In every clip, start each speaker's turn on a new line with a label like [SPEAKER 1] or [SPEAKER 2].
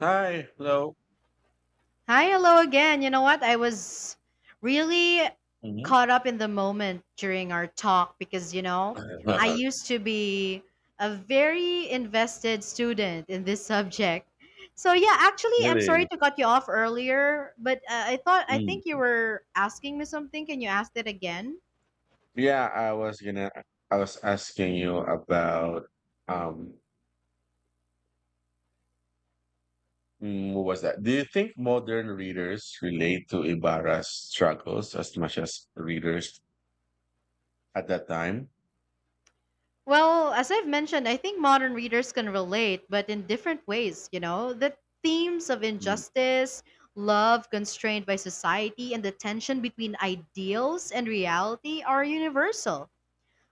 [SPEAKER 1] Hi, hello.
[SPEAKER 2] Hi, hello again. You know what? I was really
[SPEAKER 1] Mhm.
[SPEAKER 2] caught up in the moment during our talk because, you know, I used to be a very invested student in this subject. So, yeah, actually, I'm
[SPEAKER 1] Really?
[SPEAKER 2] sorry to cut you off earlier, but I thought, I think you
[SPEAKER 1] Mm.
[SPEAKER 2] were asking me something. Can you ask that again?
[SPEAKER 1] Yeah, I was gonna, I was asking you about, um, what was that? Do you think modern readers relate to Ibarra's struggles as much as readers at that time?
[SPEAKER 2] Well, as I've mentioned, I think modern readers can relate, but in different ways, you know. The themes of
[SPEAKER 1] Mm.
[SPEAKER 2] injustice, love constrained by society, and the tension between ideals and reality are universal.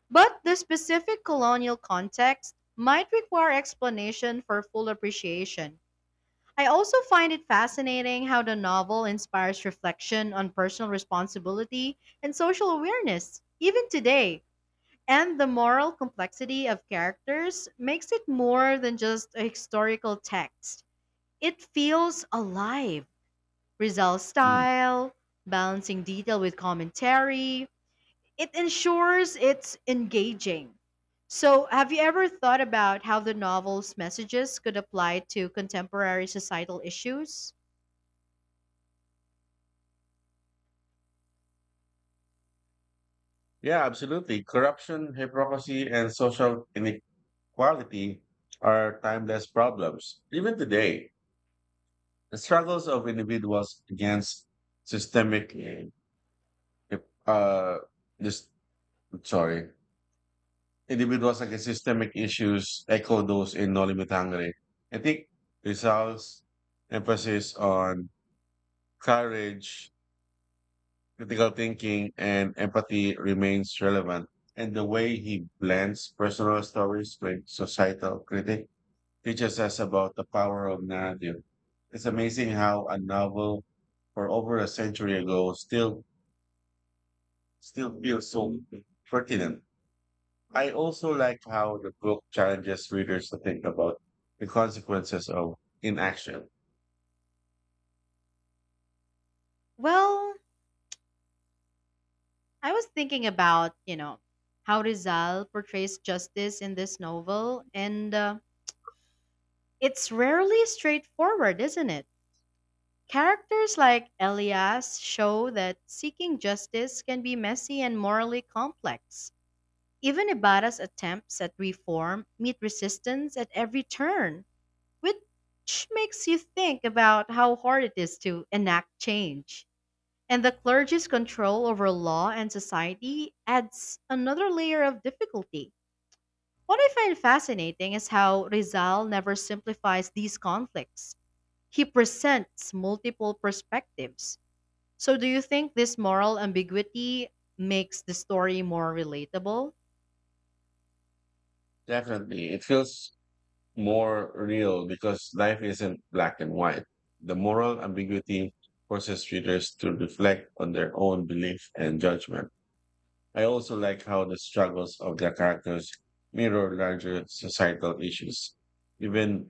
[SPEAKER 2] But the specific colonial context might require explanation for full appreciation. I also find it fascinating how the novel inspires reflection on personal responsibility and social awareness, even today. And the moral complexity of characters makes it more than just a historical text. It feels alive. Rizal's
[SPEAKER 1] Mm.
[SPEAKER 2] style, balancing detail with commentary, it ensures it's engaging. So, have you ever thought about how the novel's messages could apply to contemporary societal issues?
[SPEAKER 1] Yeah, absolutely. Corruption, hypocrisy, and social inequality are timeless problems. Even today, the struggles of individuals against systemic If, uh, this, sorry, individuals against systemic issues echo those in Nolimi Tangere. I think Rizal's emphasis on courage, critical thinking, and empathy remains relevant. And the way he blends personal stories with societal critique teaches us about the power of narrative. It's amazing how a novel for over a century ago still feels so pertinent. I also like how the book challenges readers to think about the consequences of inaction.
[SPEAKER 2] Well, I was thinking about, you know, how Rizal portrays justice in this novel, and uh, it's rarely straightforward, isn't it? Characters like Elias show that seeking justice can be messy and morally complex. Even Ibarra's attempts at reform meet resistance at every turn, which makes you think about how hard it is to enact change. And the clergy's control over law and society adds another layer of difficulty. What I find fascinating is how Rizal never simplifies these conflicts; he presents multiple perspectives. So, do you think this moral ambiguity makes the story more relatable?
[SPEAKER 1] Definitely, it feels more real because life isn't black and white. The moral ambiguity forces readers to reflect on their own belief and judgment. I also like how the struggles of the characters mirror larger societal issues, even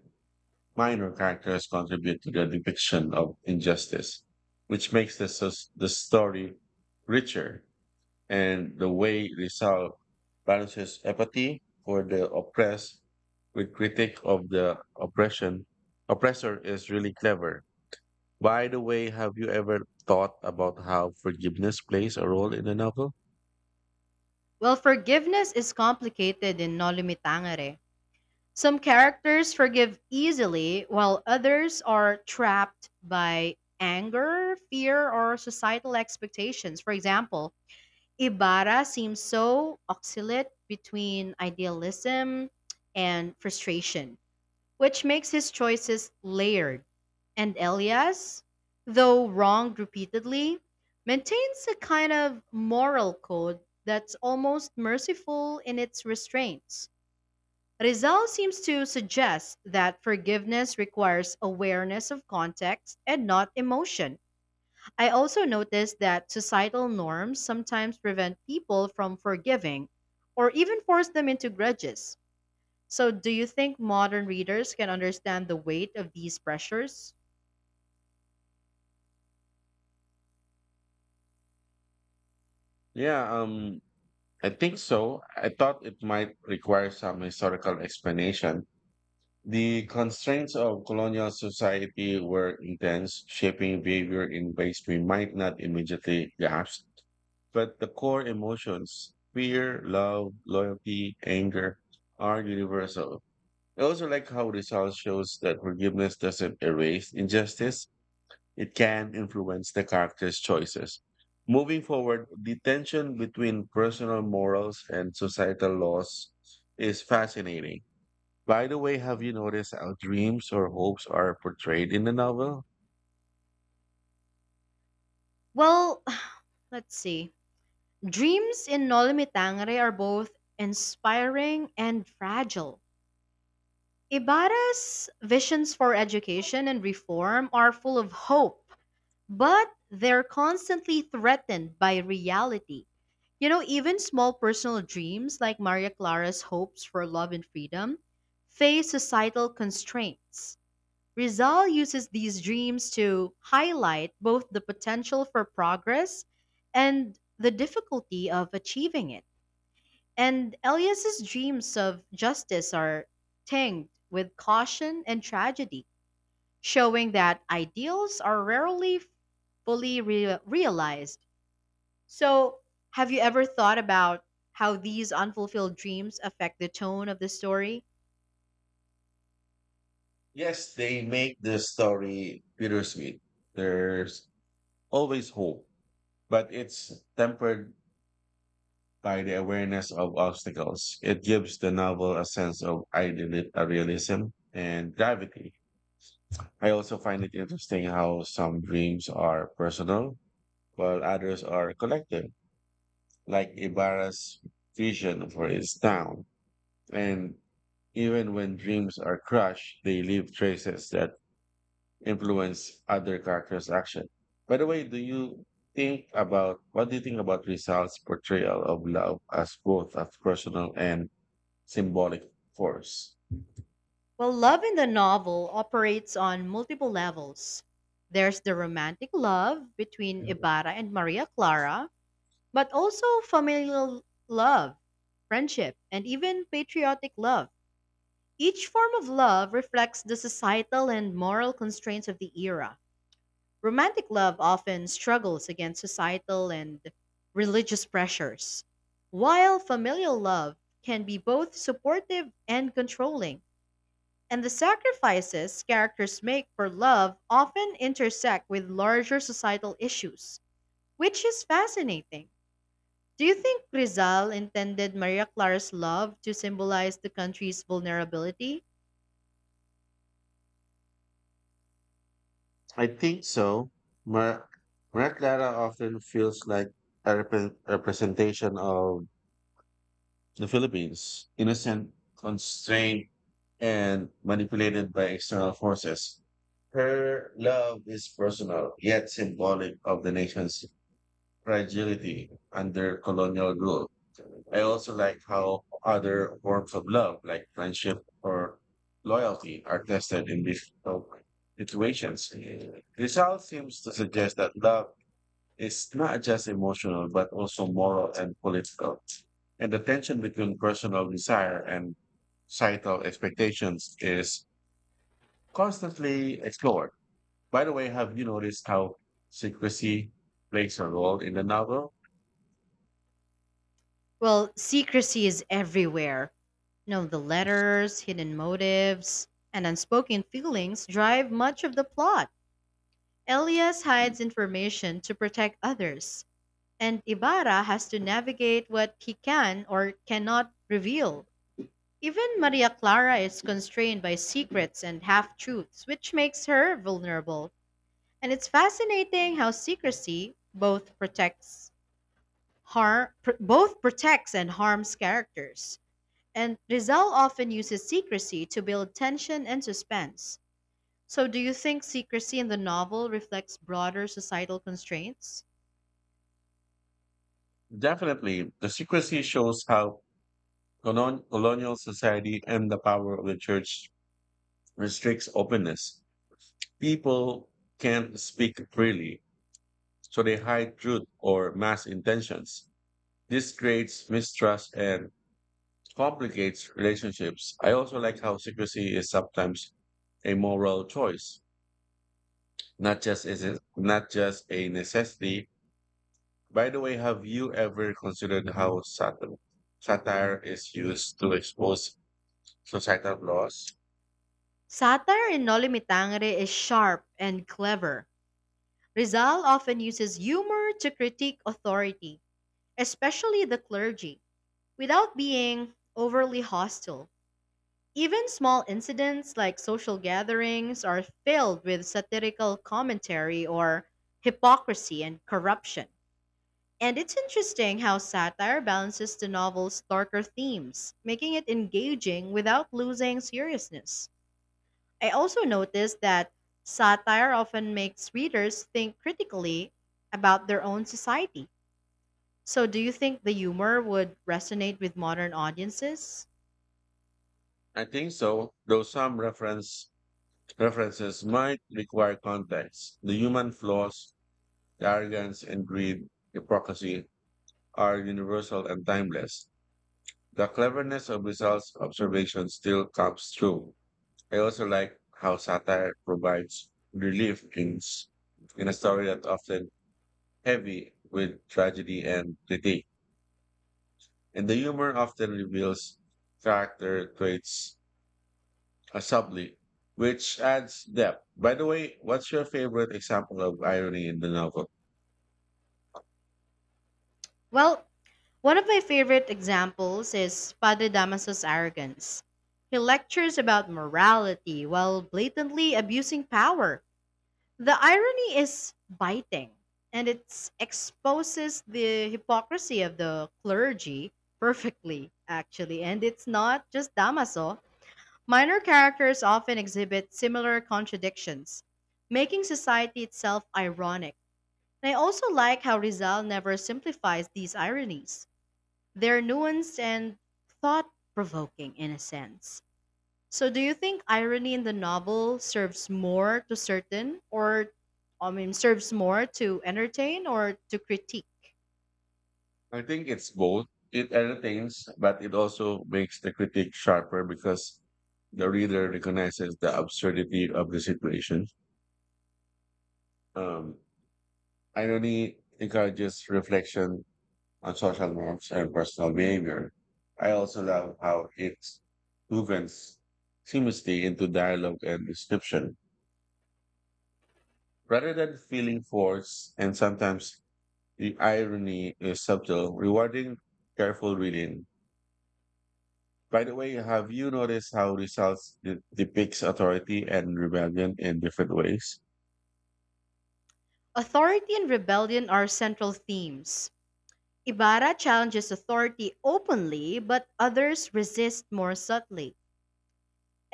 [SPEAKER 1] minor characters contribute to the depiction of injustice, which makes the story richer and the way resolve balances empathy for the oppressed with critique of the oppression oppressor is really clever. By the way, have you ever thought about how forgiveness plays a role in the novel?
[SPEAKER 2] Well, forgiveness is complicated in No Limitangere. Some characters forgive easily, while others are trapped by anger, fear, or societal expectations. For example, Ibarra seems so oscillate between idealism and frustration, which makes his choices layered. And Elias, though wronged repeatedly, maintains a kind of moral code that's almost merciful in its restraints. Rizal seems to suggest that forgiveness requires awareness of context and not emotion. I also noticed that societal norms sometimes prevent people from forgiving or even force them into grudges. So, do you think modern readers can understand the weight of these pressures?
[SPEAKER 1] Yeah, I think so. I thought it might require some historical explanation. The constraints of colonial society were intense, shaping behavior in ways we might not immediately grasp. But the core emotions, fear, love, loyalty, anger, are universal. I also like how Rizal shows that forgiveness doesn't erase injustice, it can influence the character's choices. Moving forward, the tension between personal morals and societal laws is fascinating. By the way, have you noticed how dreams or hopes are portrayed in the novel?
[SPEAKER 2] Well, let's see. Dreams in Noli Me Tangere are both inspiring and fragile. Ibarra's visions for education and reform are full of hope, but they're constantly threatened by reality. You know, even small personal dreams like Maria Clara's hopes for love and freedom face societal constraints. Rizal uses these dreams to highlight both the potential for progress and the difficulty of achieving it. And Elias's dreams of justice are tinged with caution and tragedy, showing that ideals are rarely realized. So, have you ever thought about how these unfulfilled dreams affect the tone of the story?
[SPEAKER 1] Yes, they make the story bittersweet. There's always hope, but it's tempered by the awareness of obstacles. It gives the novel a sense of realism and gravity. I also find it interesting how some dreams are personal, while others are collective, like Ibarra's vision for his town. And even when dreams are crushed, they leave traces that influence other characters' action. By the way, do you think about what do you think about Rizal's portrayal of love as both a personal and symbolic force?
[SPEAKER 2] Well, love in the novel operates on multiple levels. There's the romantic love between Ibarra and Maria Clara, but also familial love, friendship, and even patriotic love. Each form of love reflects the societal and moral constraints of the era. Romantic love often struggles against societal and religious pressures, while familial love can be both supportive and controlling. And the sacrifices characters make for love often intersect with larger societal issues, which is fascinating. Do you think Rizal intended Maria Clara's love to symbolize the country's vulnerability?
[SPEAKER 1] I think so. Mar- Maria Clara often feels like a representation of The Philippines, innocent, constrained, and manipulated by external forces. Her love is personal, yet symbolic of the nation's fragility under colonial rule. I also like how other forms of love, like friendship or loyalty, are tested in these situations. Rizal seems to suggest that love is not just emotional, but also moral and political. And the tension between personal desire and societal expectations is constantly explored. By the way, have you noticed how secrecy plays a role in the novel?
[SPEAKER 2] Well, secrecy is everywhere. You know, the letters, hidden motives, and unspoken feelings drive much of the plot. Elias hides information to protect others, and Ibarra has to navigate what he can or cannot reveal. Even Maria Clara is constrained by secrets and half truths, which makes her vulnerable. And it's fascinating how secrecy both protects and harms characters. And Rizal often uses secrecy to build tension and suspense. So do you think secrecy in the novel reflects broader societal constraints?
[SPEAKER 1] Definitely. The secrecy shows how colonial society and the power of the church restricts openness. People can't speak freely, so they hide truth or mass intentions. This creates mistrust and complicates relationships. I also like how secrecy is sometimes a moral choice, not just is it not just a necessity. By the way, have you ever considered how satire is used to expose societal flaws?
[SPEAKER 2] Satire in Noli Me Tangere is sharp and clever. Rizal often uses humor to critique authority, especially the clergy, without being overly hostile. Even small incidents like social gatherings are filled with satirical commentary or hypocrisy and corruption. And it's interesting how satire balances the novel's darker themes, making it engaging without losing seriousness. I also noticed that satire often makes readers think critically about their own society. So, do you think the humor would resonate with modern audiences?
[SPEAKER 1] I think so, though some reference references might require context. The human flaws, the arrogance and greed, hypocrisy are universal and timeless. The cleverness of results observation still comes through. I also like how satire provides relief in a story that often heavy with tragedy and critique. And the humor often reveals character traits subtly, which adds depth. By the way, what's your favorite example of irony in the novel?
[SPEAKER 2] Well, one of my favorite examples is Padre Damaso's arrogance. He lectures about morality while blatantly abusing power. The irony is biting, and it exposes the hypocrisy of the clergy perfectly, actually. And it's not just Damaso. Minor characters often exhibit similar contradictions, making society itself ironic. And I also like how Rizal never simplifies these ironies. They're nuanced and thought provoking in a sense. So, do you think irony in the novel serves more to entertain or to critique?
[SPEAKER 1] I think it's both. It entertains, but it also makes the critique sharper because the reader recognizes the absurdity of the situation. Um, Irony encourages reflection on social norms and personal behavior. I also love how it moves seamlessly into dialogue and description. Rather than feeling forced, and sometimes the irony is subtle, rewarding careful reading. By the way, have you noticed how results depicts authority and rebellion in different ways?
[SPEAKER 2] Authority and rebellion are central themes. Ibarra challenges authority openly, but others resist more subtly.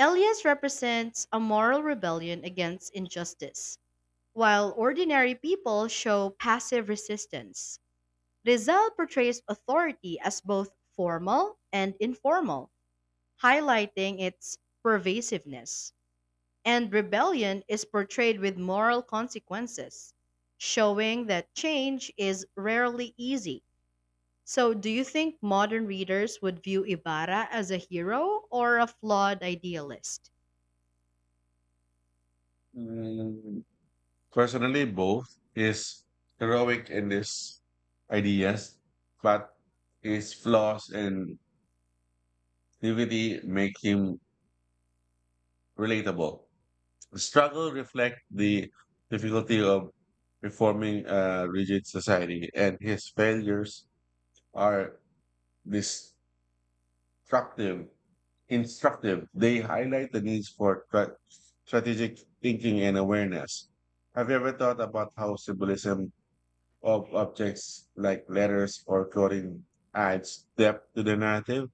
[SPEAKER 2] Elias represents a moral rebellion against injustice. While ordinary people show passive resistance, Rizal portrays authority as both formal and informal, highlighting its pervasiveness. And rebellion is portrayed with moral consequences, showing that change is rarely easy. So, do you think modern readers would view Ibarra as a hero or a flawed idealist?
[SPEAKER 1] Mm, Personally, both is heroic in its ideas, but his flaws and naivety make him relatable. The struggle reflect the difficulty of reforming a rigid society, and his failures are this instructive. Instructive. They highlight the needs for strategic thinking and awareness. Have you ever thought about how symbolism of objects like letters or clothing adds depth to the narrative?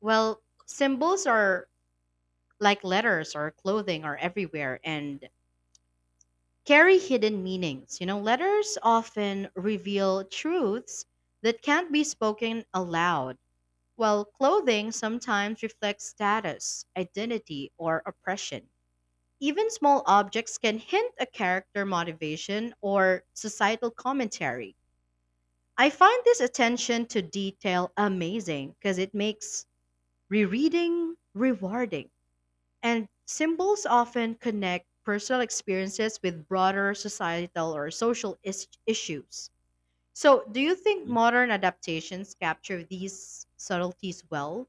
[SPEAKER 2] Well, symbols are like letters or clothing are everywhere and carry hidden meanings. You know, letters often reveal truths that can't be spoken aloud, while clothing sometimes reflects status, identity, or oppression. Even small objects can hint a character motivation or societal commentary. I find this attention to detail amazing because it makes rereading rewarding. And symbols often connect personal experiences with broader societal issues. So, do you think modern adaptations capture these subtleties well?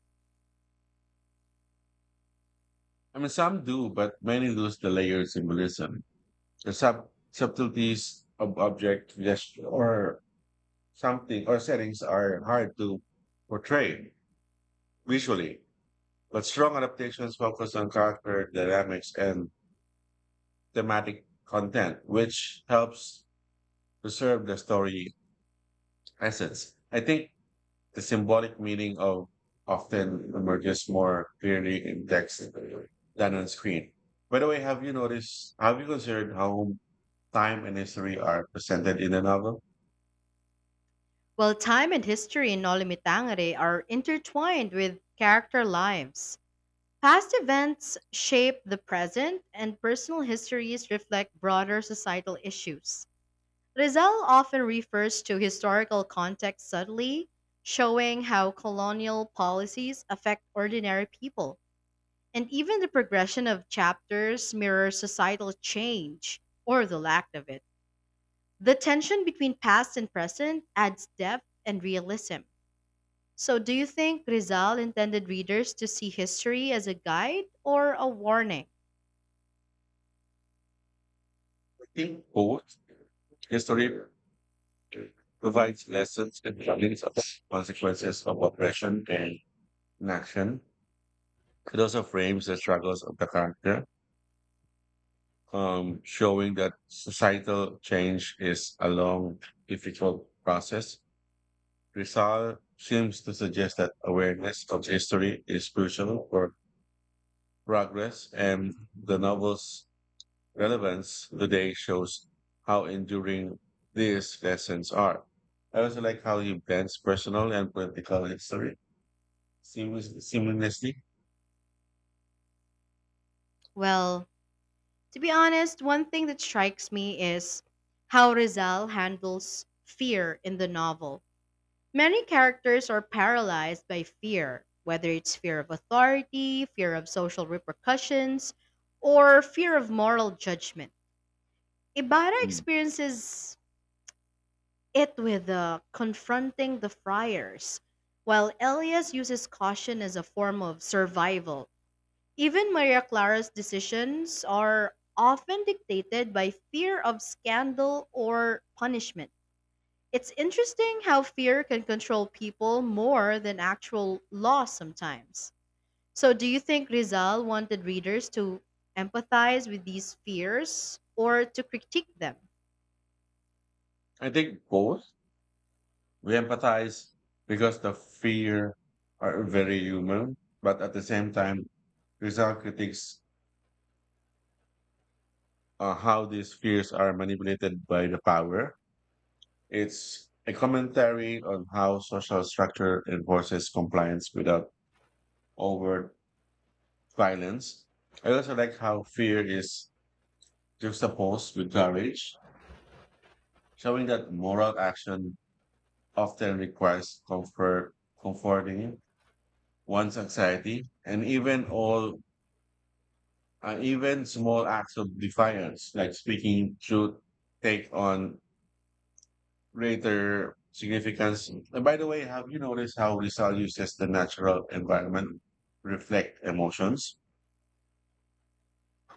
[SPEAKER 1] I mean, some do, but many lose the layer of symbolism. The subtleties of object gesture or something or settings are hard to portray visually, but strong adaptations focus on character dynamics and thematic content, which helps preserve the story essence. I think the symbolic meaning of often emerges more clearly in text than on screen. By the way, have you considered how time and history are presented in the novel?
[SPEAKER 2] Well, time and history in Nolimitangere are intertwined with character lives. Past events shape the present, and personal histories reflect broader societal issues. Rizal often refers to historical context subtly, showing how colonial policies affect ordinary people. And even the progression of chapters mirrors societal change, or the lack of it. The tension between past and present adds depth and realism. So, do you think Rizal intended readers to see history as a guide or a warning?
[SPEAKER 1] I think both. History provides lessons and warnings of consequences of oppression and inaction. It also frames the struggles of the character, showing that societal change is a long, difficult process. Rizal seems to suggest that awareness of history is crucial for progress, and the novel's relevance today shows how enduring these lessons are. I also like how he blends personal and political history seamlessly.
[SPEAKER 2] Well, to be honest, one thing that strikes me is how Rizal handles fear in the novel. Many characters are paralyzed by fear, whether it's fear of authority, fear of social repercussions, or fear of moral judgment. Ibarra
[SPEAKER 1] Mm.
[SPEAKER 2] experiences it with confronting the friars, while Elias uses caution as a form of survival. Even Maria Clara's decisions are often dictated by fear of scandal or punishment. It's interesting how fear can control people more than actual law sometimes. So, do you think Rizal wanted readers to empathize with these fears or to critique them?
[SPEAKER 1] I think both. We empathize because the fear are very human, but at the same time, Rizal critiques how these fears are manipulated by the power. It's a commentary on how social structure enforces compliance without overt violence. I also like how fear is juxtaposed with courage, showing that moral action often requires comforting one's anxiety, and even small acts of defiance, like speaking truth, take on greater significance. And by the way, have you noticed how Rizal uses the natural environment reflect emotions?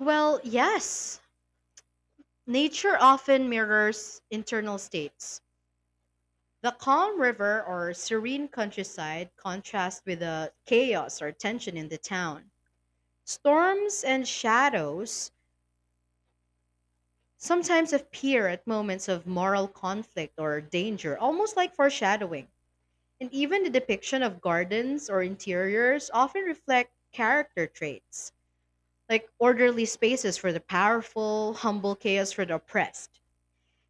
[SPEAKER 2] Well, yes. Nature often mirrors internal states. The calm river or serene countryside contrasts with the chaos or tension in the town. Storms and shadows sometimes appear at moments of moral conflict or danger, almost like foreshadowing. And even the depiction of gardens or interiors often reflect character traits, like orderly spaces for the powerful, humble chaos for the oppressed.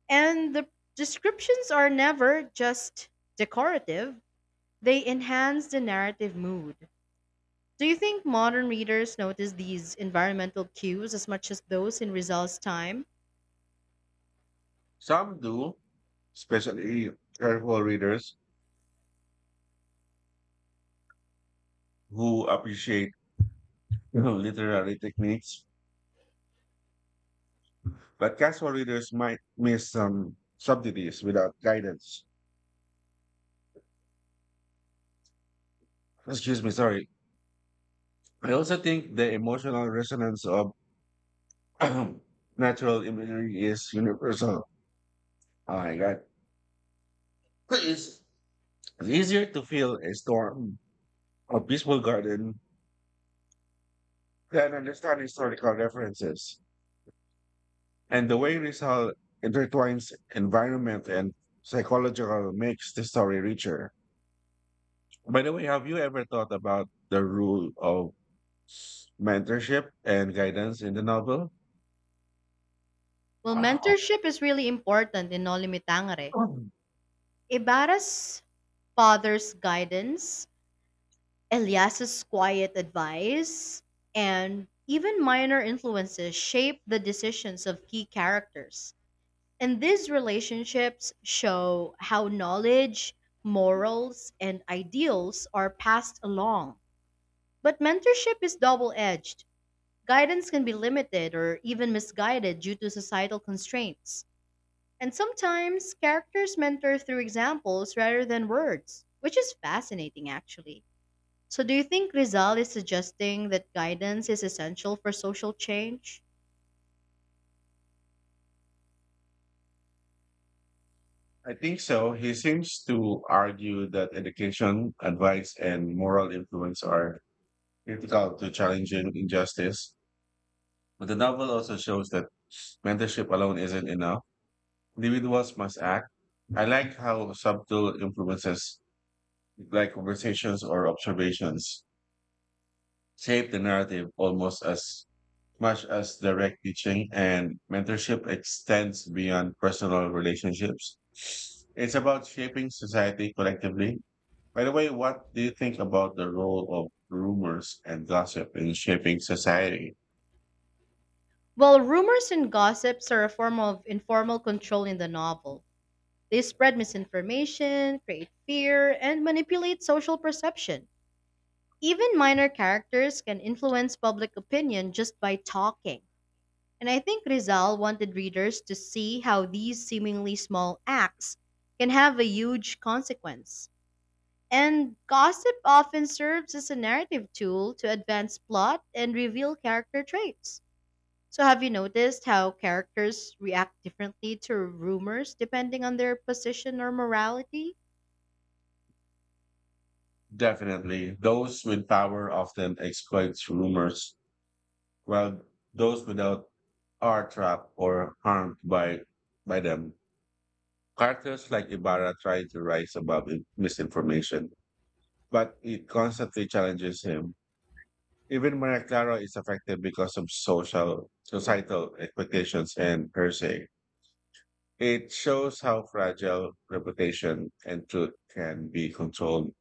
[SPEAKER 2] And the descriptions are never just decorative. They enhance the narrative mood. Do you think modern readers notice these environmental cues as much as those in Rizal's time?
[SPEAKER 1] Some do, especially careful readers who appreciate literary techniques, but casual readers might miss some subtleties without guidance. Excuse me, sorry. I also think the emotional resonance of natural imagery is universal. Oh my God. It's it's easier to feel a storm, a peaceful garden, than understand historical references. And the way Rizal intertwines environment and psychological makes the story richer. By the way, have you ever thought about the rule of mentorship and guidance in the novel?
[SPEAKER 2] Well,
[SPEAKER 1] Wow.
[SPEAKER 2] mentorship is really important in Nolimi Tangere. Ibarra's father's guidance, Elias's quiet advice, and even minor influences shape the decisions of key characters. And these relationships show how knowledge, morals, and ideals are passed along. But mentorship is double edged. Guidance can be limited or even misguided due to societal constraints. And sometimes characters mentor through examples rather than words, which is fascinating actually. So, do you think Rizal is suggesting that guidance is essential for social change?
[SPEAKER 1] I think so. He seems to argue that education, advice, and moral influence are critical to challenging injustice. But the novel also shows that mentorship alone isn't enough. Individuals must act. I like how subtle influences, like conversations or observations, shape the narrative almost as much as direct teaching and mentorship extends beyond personal relationships. It's about shaping society collectively. By the way, what do you think about the role of rumors and gossip in shaping society?
[SPEAKER 2] Well, rumors and gossips are a form of informal control in the novel. They spread misinformation, create fear, and manipulate social perception. Even minor characters can influence public opinion just by talking. And I think Rizal wanted readers to see how these seemingly small acts can have a huge consequence. And gossip often serves as a narrative tool to advance plot and reveal character traits. So, have you noticed how characters react differently to rumors depending on their position or morality?
[SPEAKER 1] Definitely, those with power often exploit rumors, while those without are trapped or harmed by them. Characters like Ibarra try to rise above misinformation, but it constantly challenges him. Even Maria Clara is affected because of societal expectations and her say. It shows how fragile reputation and truth can be controlled,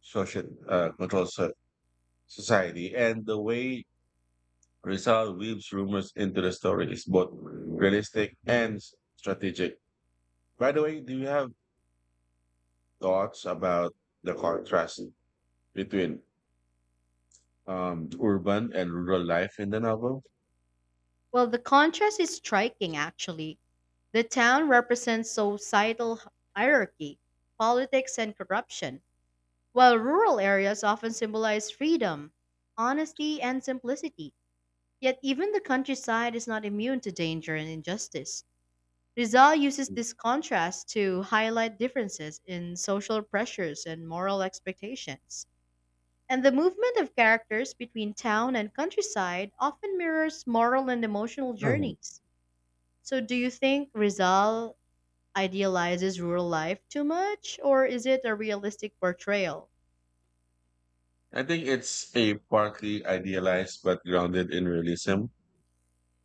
[SPEAKER 1] social, uh, control so- society. And the way Rizal weaves rumors into the story is both realistic and strategic. By the way, do you have thoughts about the contrast between urban and rural life in the novel?
[SPEAKER 2] Well, the contrast is striking actually. The town represents societal hierarchy, politics, and corruption, while rural areas often symbolize freedom, honesty, and simplicity. Yet even the countryside is not immune to danger and injustice. Rizal uses this contrast to highlight differences in social pressures and moral expectations. And the movement of characters between town and countryside often mirrors moral and emotional journeys. So, do you think Rizal idealizes rural life too much, or is it a realistic portrayal?
[SPEAKER 1] I think it's a partly idealized but grounded in realism.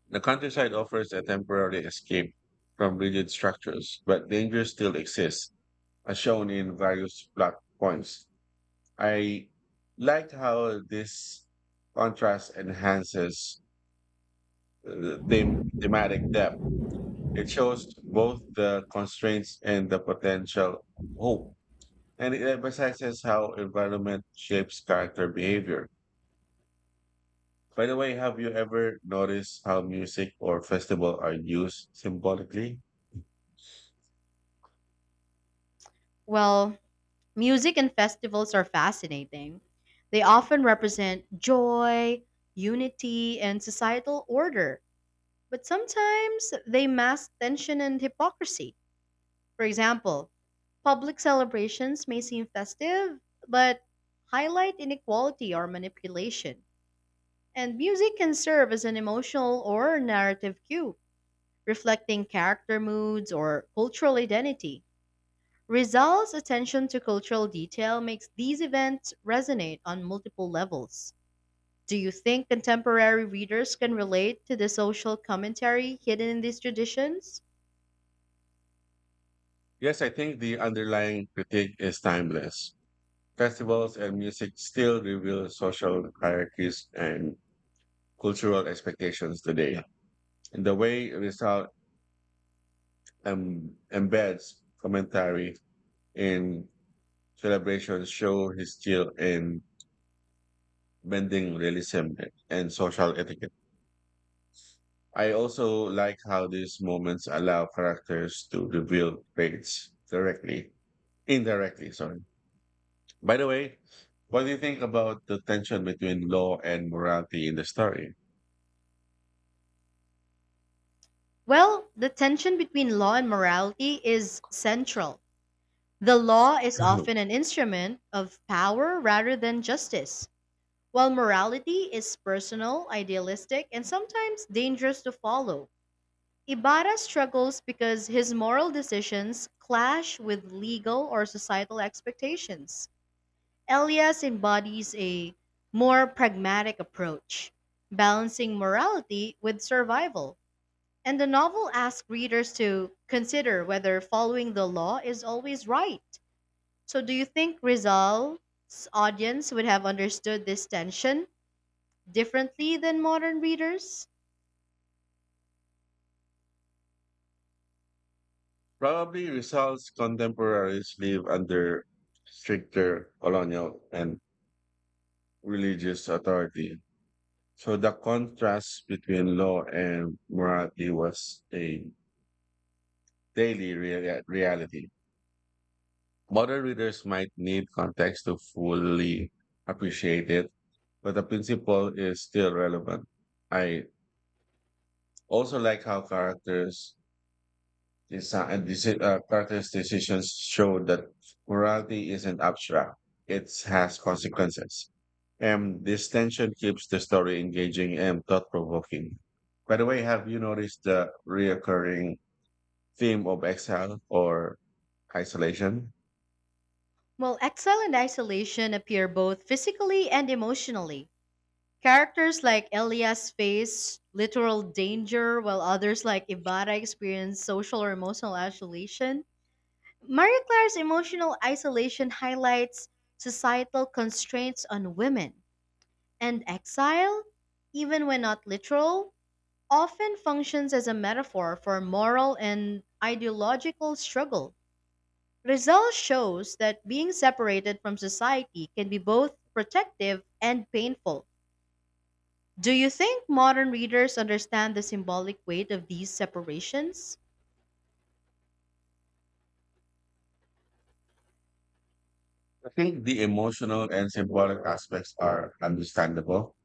[SPEAKER 1] The countryside offers a temporary escape from rigid structures, but danger still exists, as shown in various plot points. I liked how this contrast enhances the thematic depth. It shows both the constraints and the potential hope, and it emphasizes how environment shapes character behavior. By the way, have you ever noticed how music or festival are used symbolically?
[SPEAKER 2] Well, music and festivals are fascinating. They often represent joy, unity, and societal order, but sometimes they mask tension and hypocrisy. For example, public celebrations may seem festive, but highlight inequality or manipulation. And music can serve as an emotional or narrative cue reflecting character moods or cultural identity. Rizal's attention to cultural detail makes these events resonate on multiple levels. Do you think contemporary readers can relate to the social commentary hidden in these traditions?
[SPEAKER 1] Yes, I think the underlying critique is timeless. Festivals and music still reveal social hierarchies and cultural expectations today. And the way result embeds commentary in celebrations show his skill in bending realism and social etiquette. I also like how these moments allow characters to reveal traits indirectly, sorry. By the way, what do you think about the tension between law and morality in the story?
[SPEAKER 2] Well, the tension between law and morality is central. The law is often an instrument of power rather than justice, while morality is personal, idealistic, and sometimes dangerous to follow. Ibarra struggles because his moral decisions clash with legal or societal expectations. Elias embodies a more pragmatic approach, balancing morality with survival. And the novel asks readers to consider whether following the law is always right. So, do you think Rizal's audience would have understood this tension differently than modern readers?
[SPEAKER 1] Probably results contemporaries live under stricter colonial and religious authority. So the contrast between law and morality was a daily reality. Modern readers might need context to fully appreciate it, but the principle is still relevant. I also like how characters characters' decisions show that morality isn't abstract; it has consequences. And this tension keeps the story engaging and thought-provoking. By the way, have you noticed the reoccurring theme of exile or isolation?
[SPEAKER 2] While exile and isolation appear both physically and emotionally, characters like Elias face literal danger, while others like Ibarra experience social or emotional isolation. Marie Claire's emotional isolation highlights societal constraints on women, and exile, even when not literal, often functions as a metaphor for moral and ideological struggle. Rizal shows that being separated from society can be both protective and painful. Do you think modern readers understand the symbolic weight of these separations?
[SPEAKER 1] I think the emotional and symbolic aspects are understandable.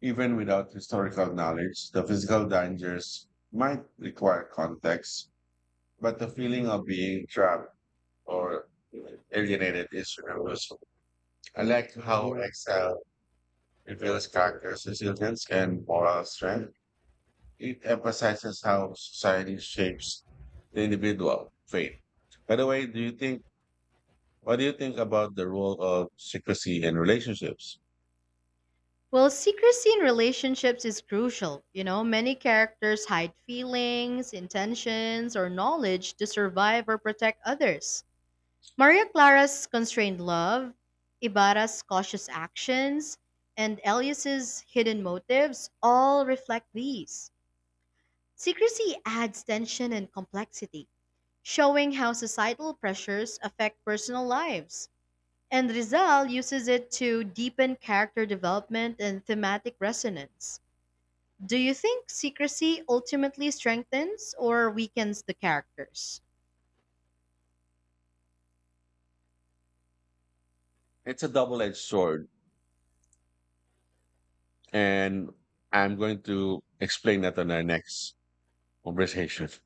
[SPEAKER 1] Even without historical knowledge, the physical dangers might require context, but the feeling of being trapped or alienated is universal. I like how Exile reveals characters' resilience and moral strength. It emphasizes how society shapes the individual fate. By the way, do you think what do you think about the role of secrecy in relationships?
[SPEAKER 2] Well, secrecy in relationships is crucial. You know, many characters hide feelings, intentions, or knowledge to survive or protect others. Maria Clara's constrained love, Ibarra's cautious actions, and Elias's hidden motives all reflect these. Secrecy adds tension and complexity, showing how societal pressures affect personal lives. And Rizal uses it to deepen character development and thematic resonance. Do you think secrecy ultimately strengthens or weakens the characters?
[SPEAKER 1] It's a double-edged sword, and I'm going to explain that on our next conversation.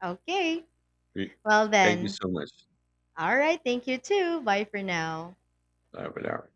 [SPEAKER 2] Okay,
[SPEAKER 1] We-
[SPEAKER 2] well
[SPEAKER 1] Thank you
[SPEAKER 2] then.
[SPEAKER 1] so much.
[SPEAKER 2] All right, thank you too. Bye for now.
[SPEAKER 1] Bye for now.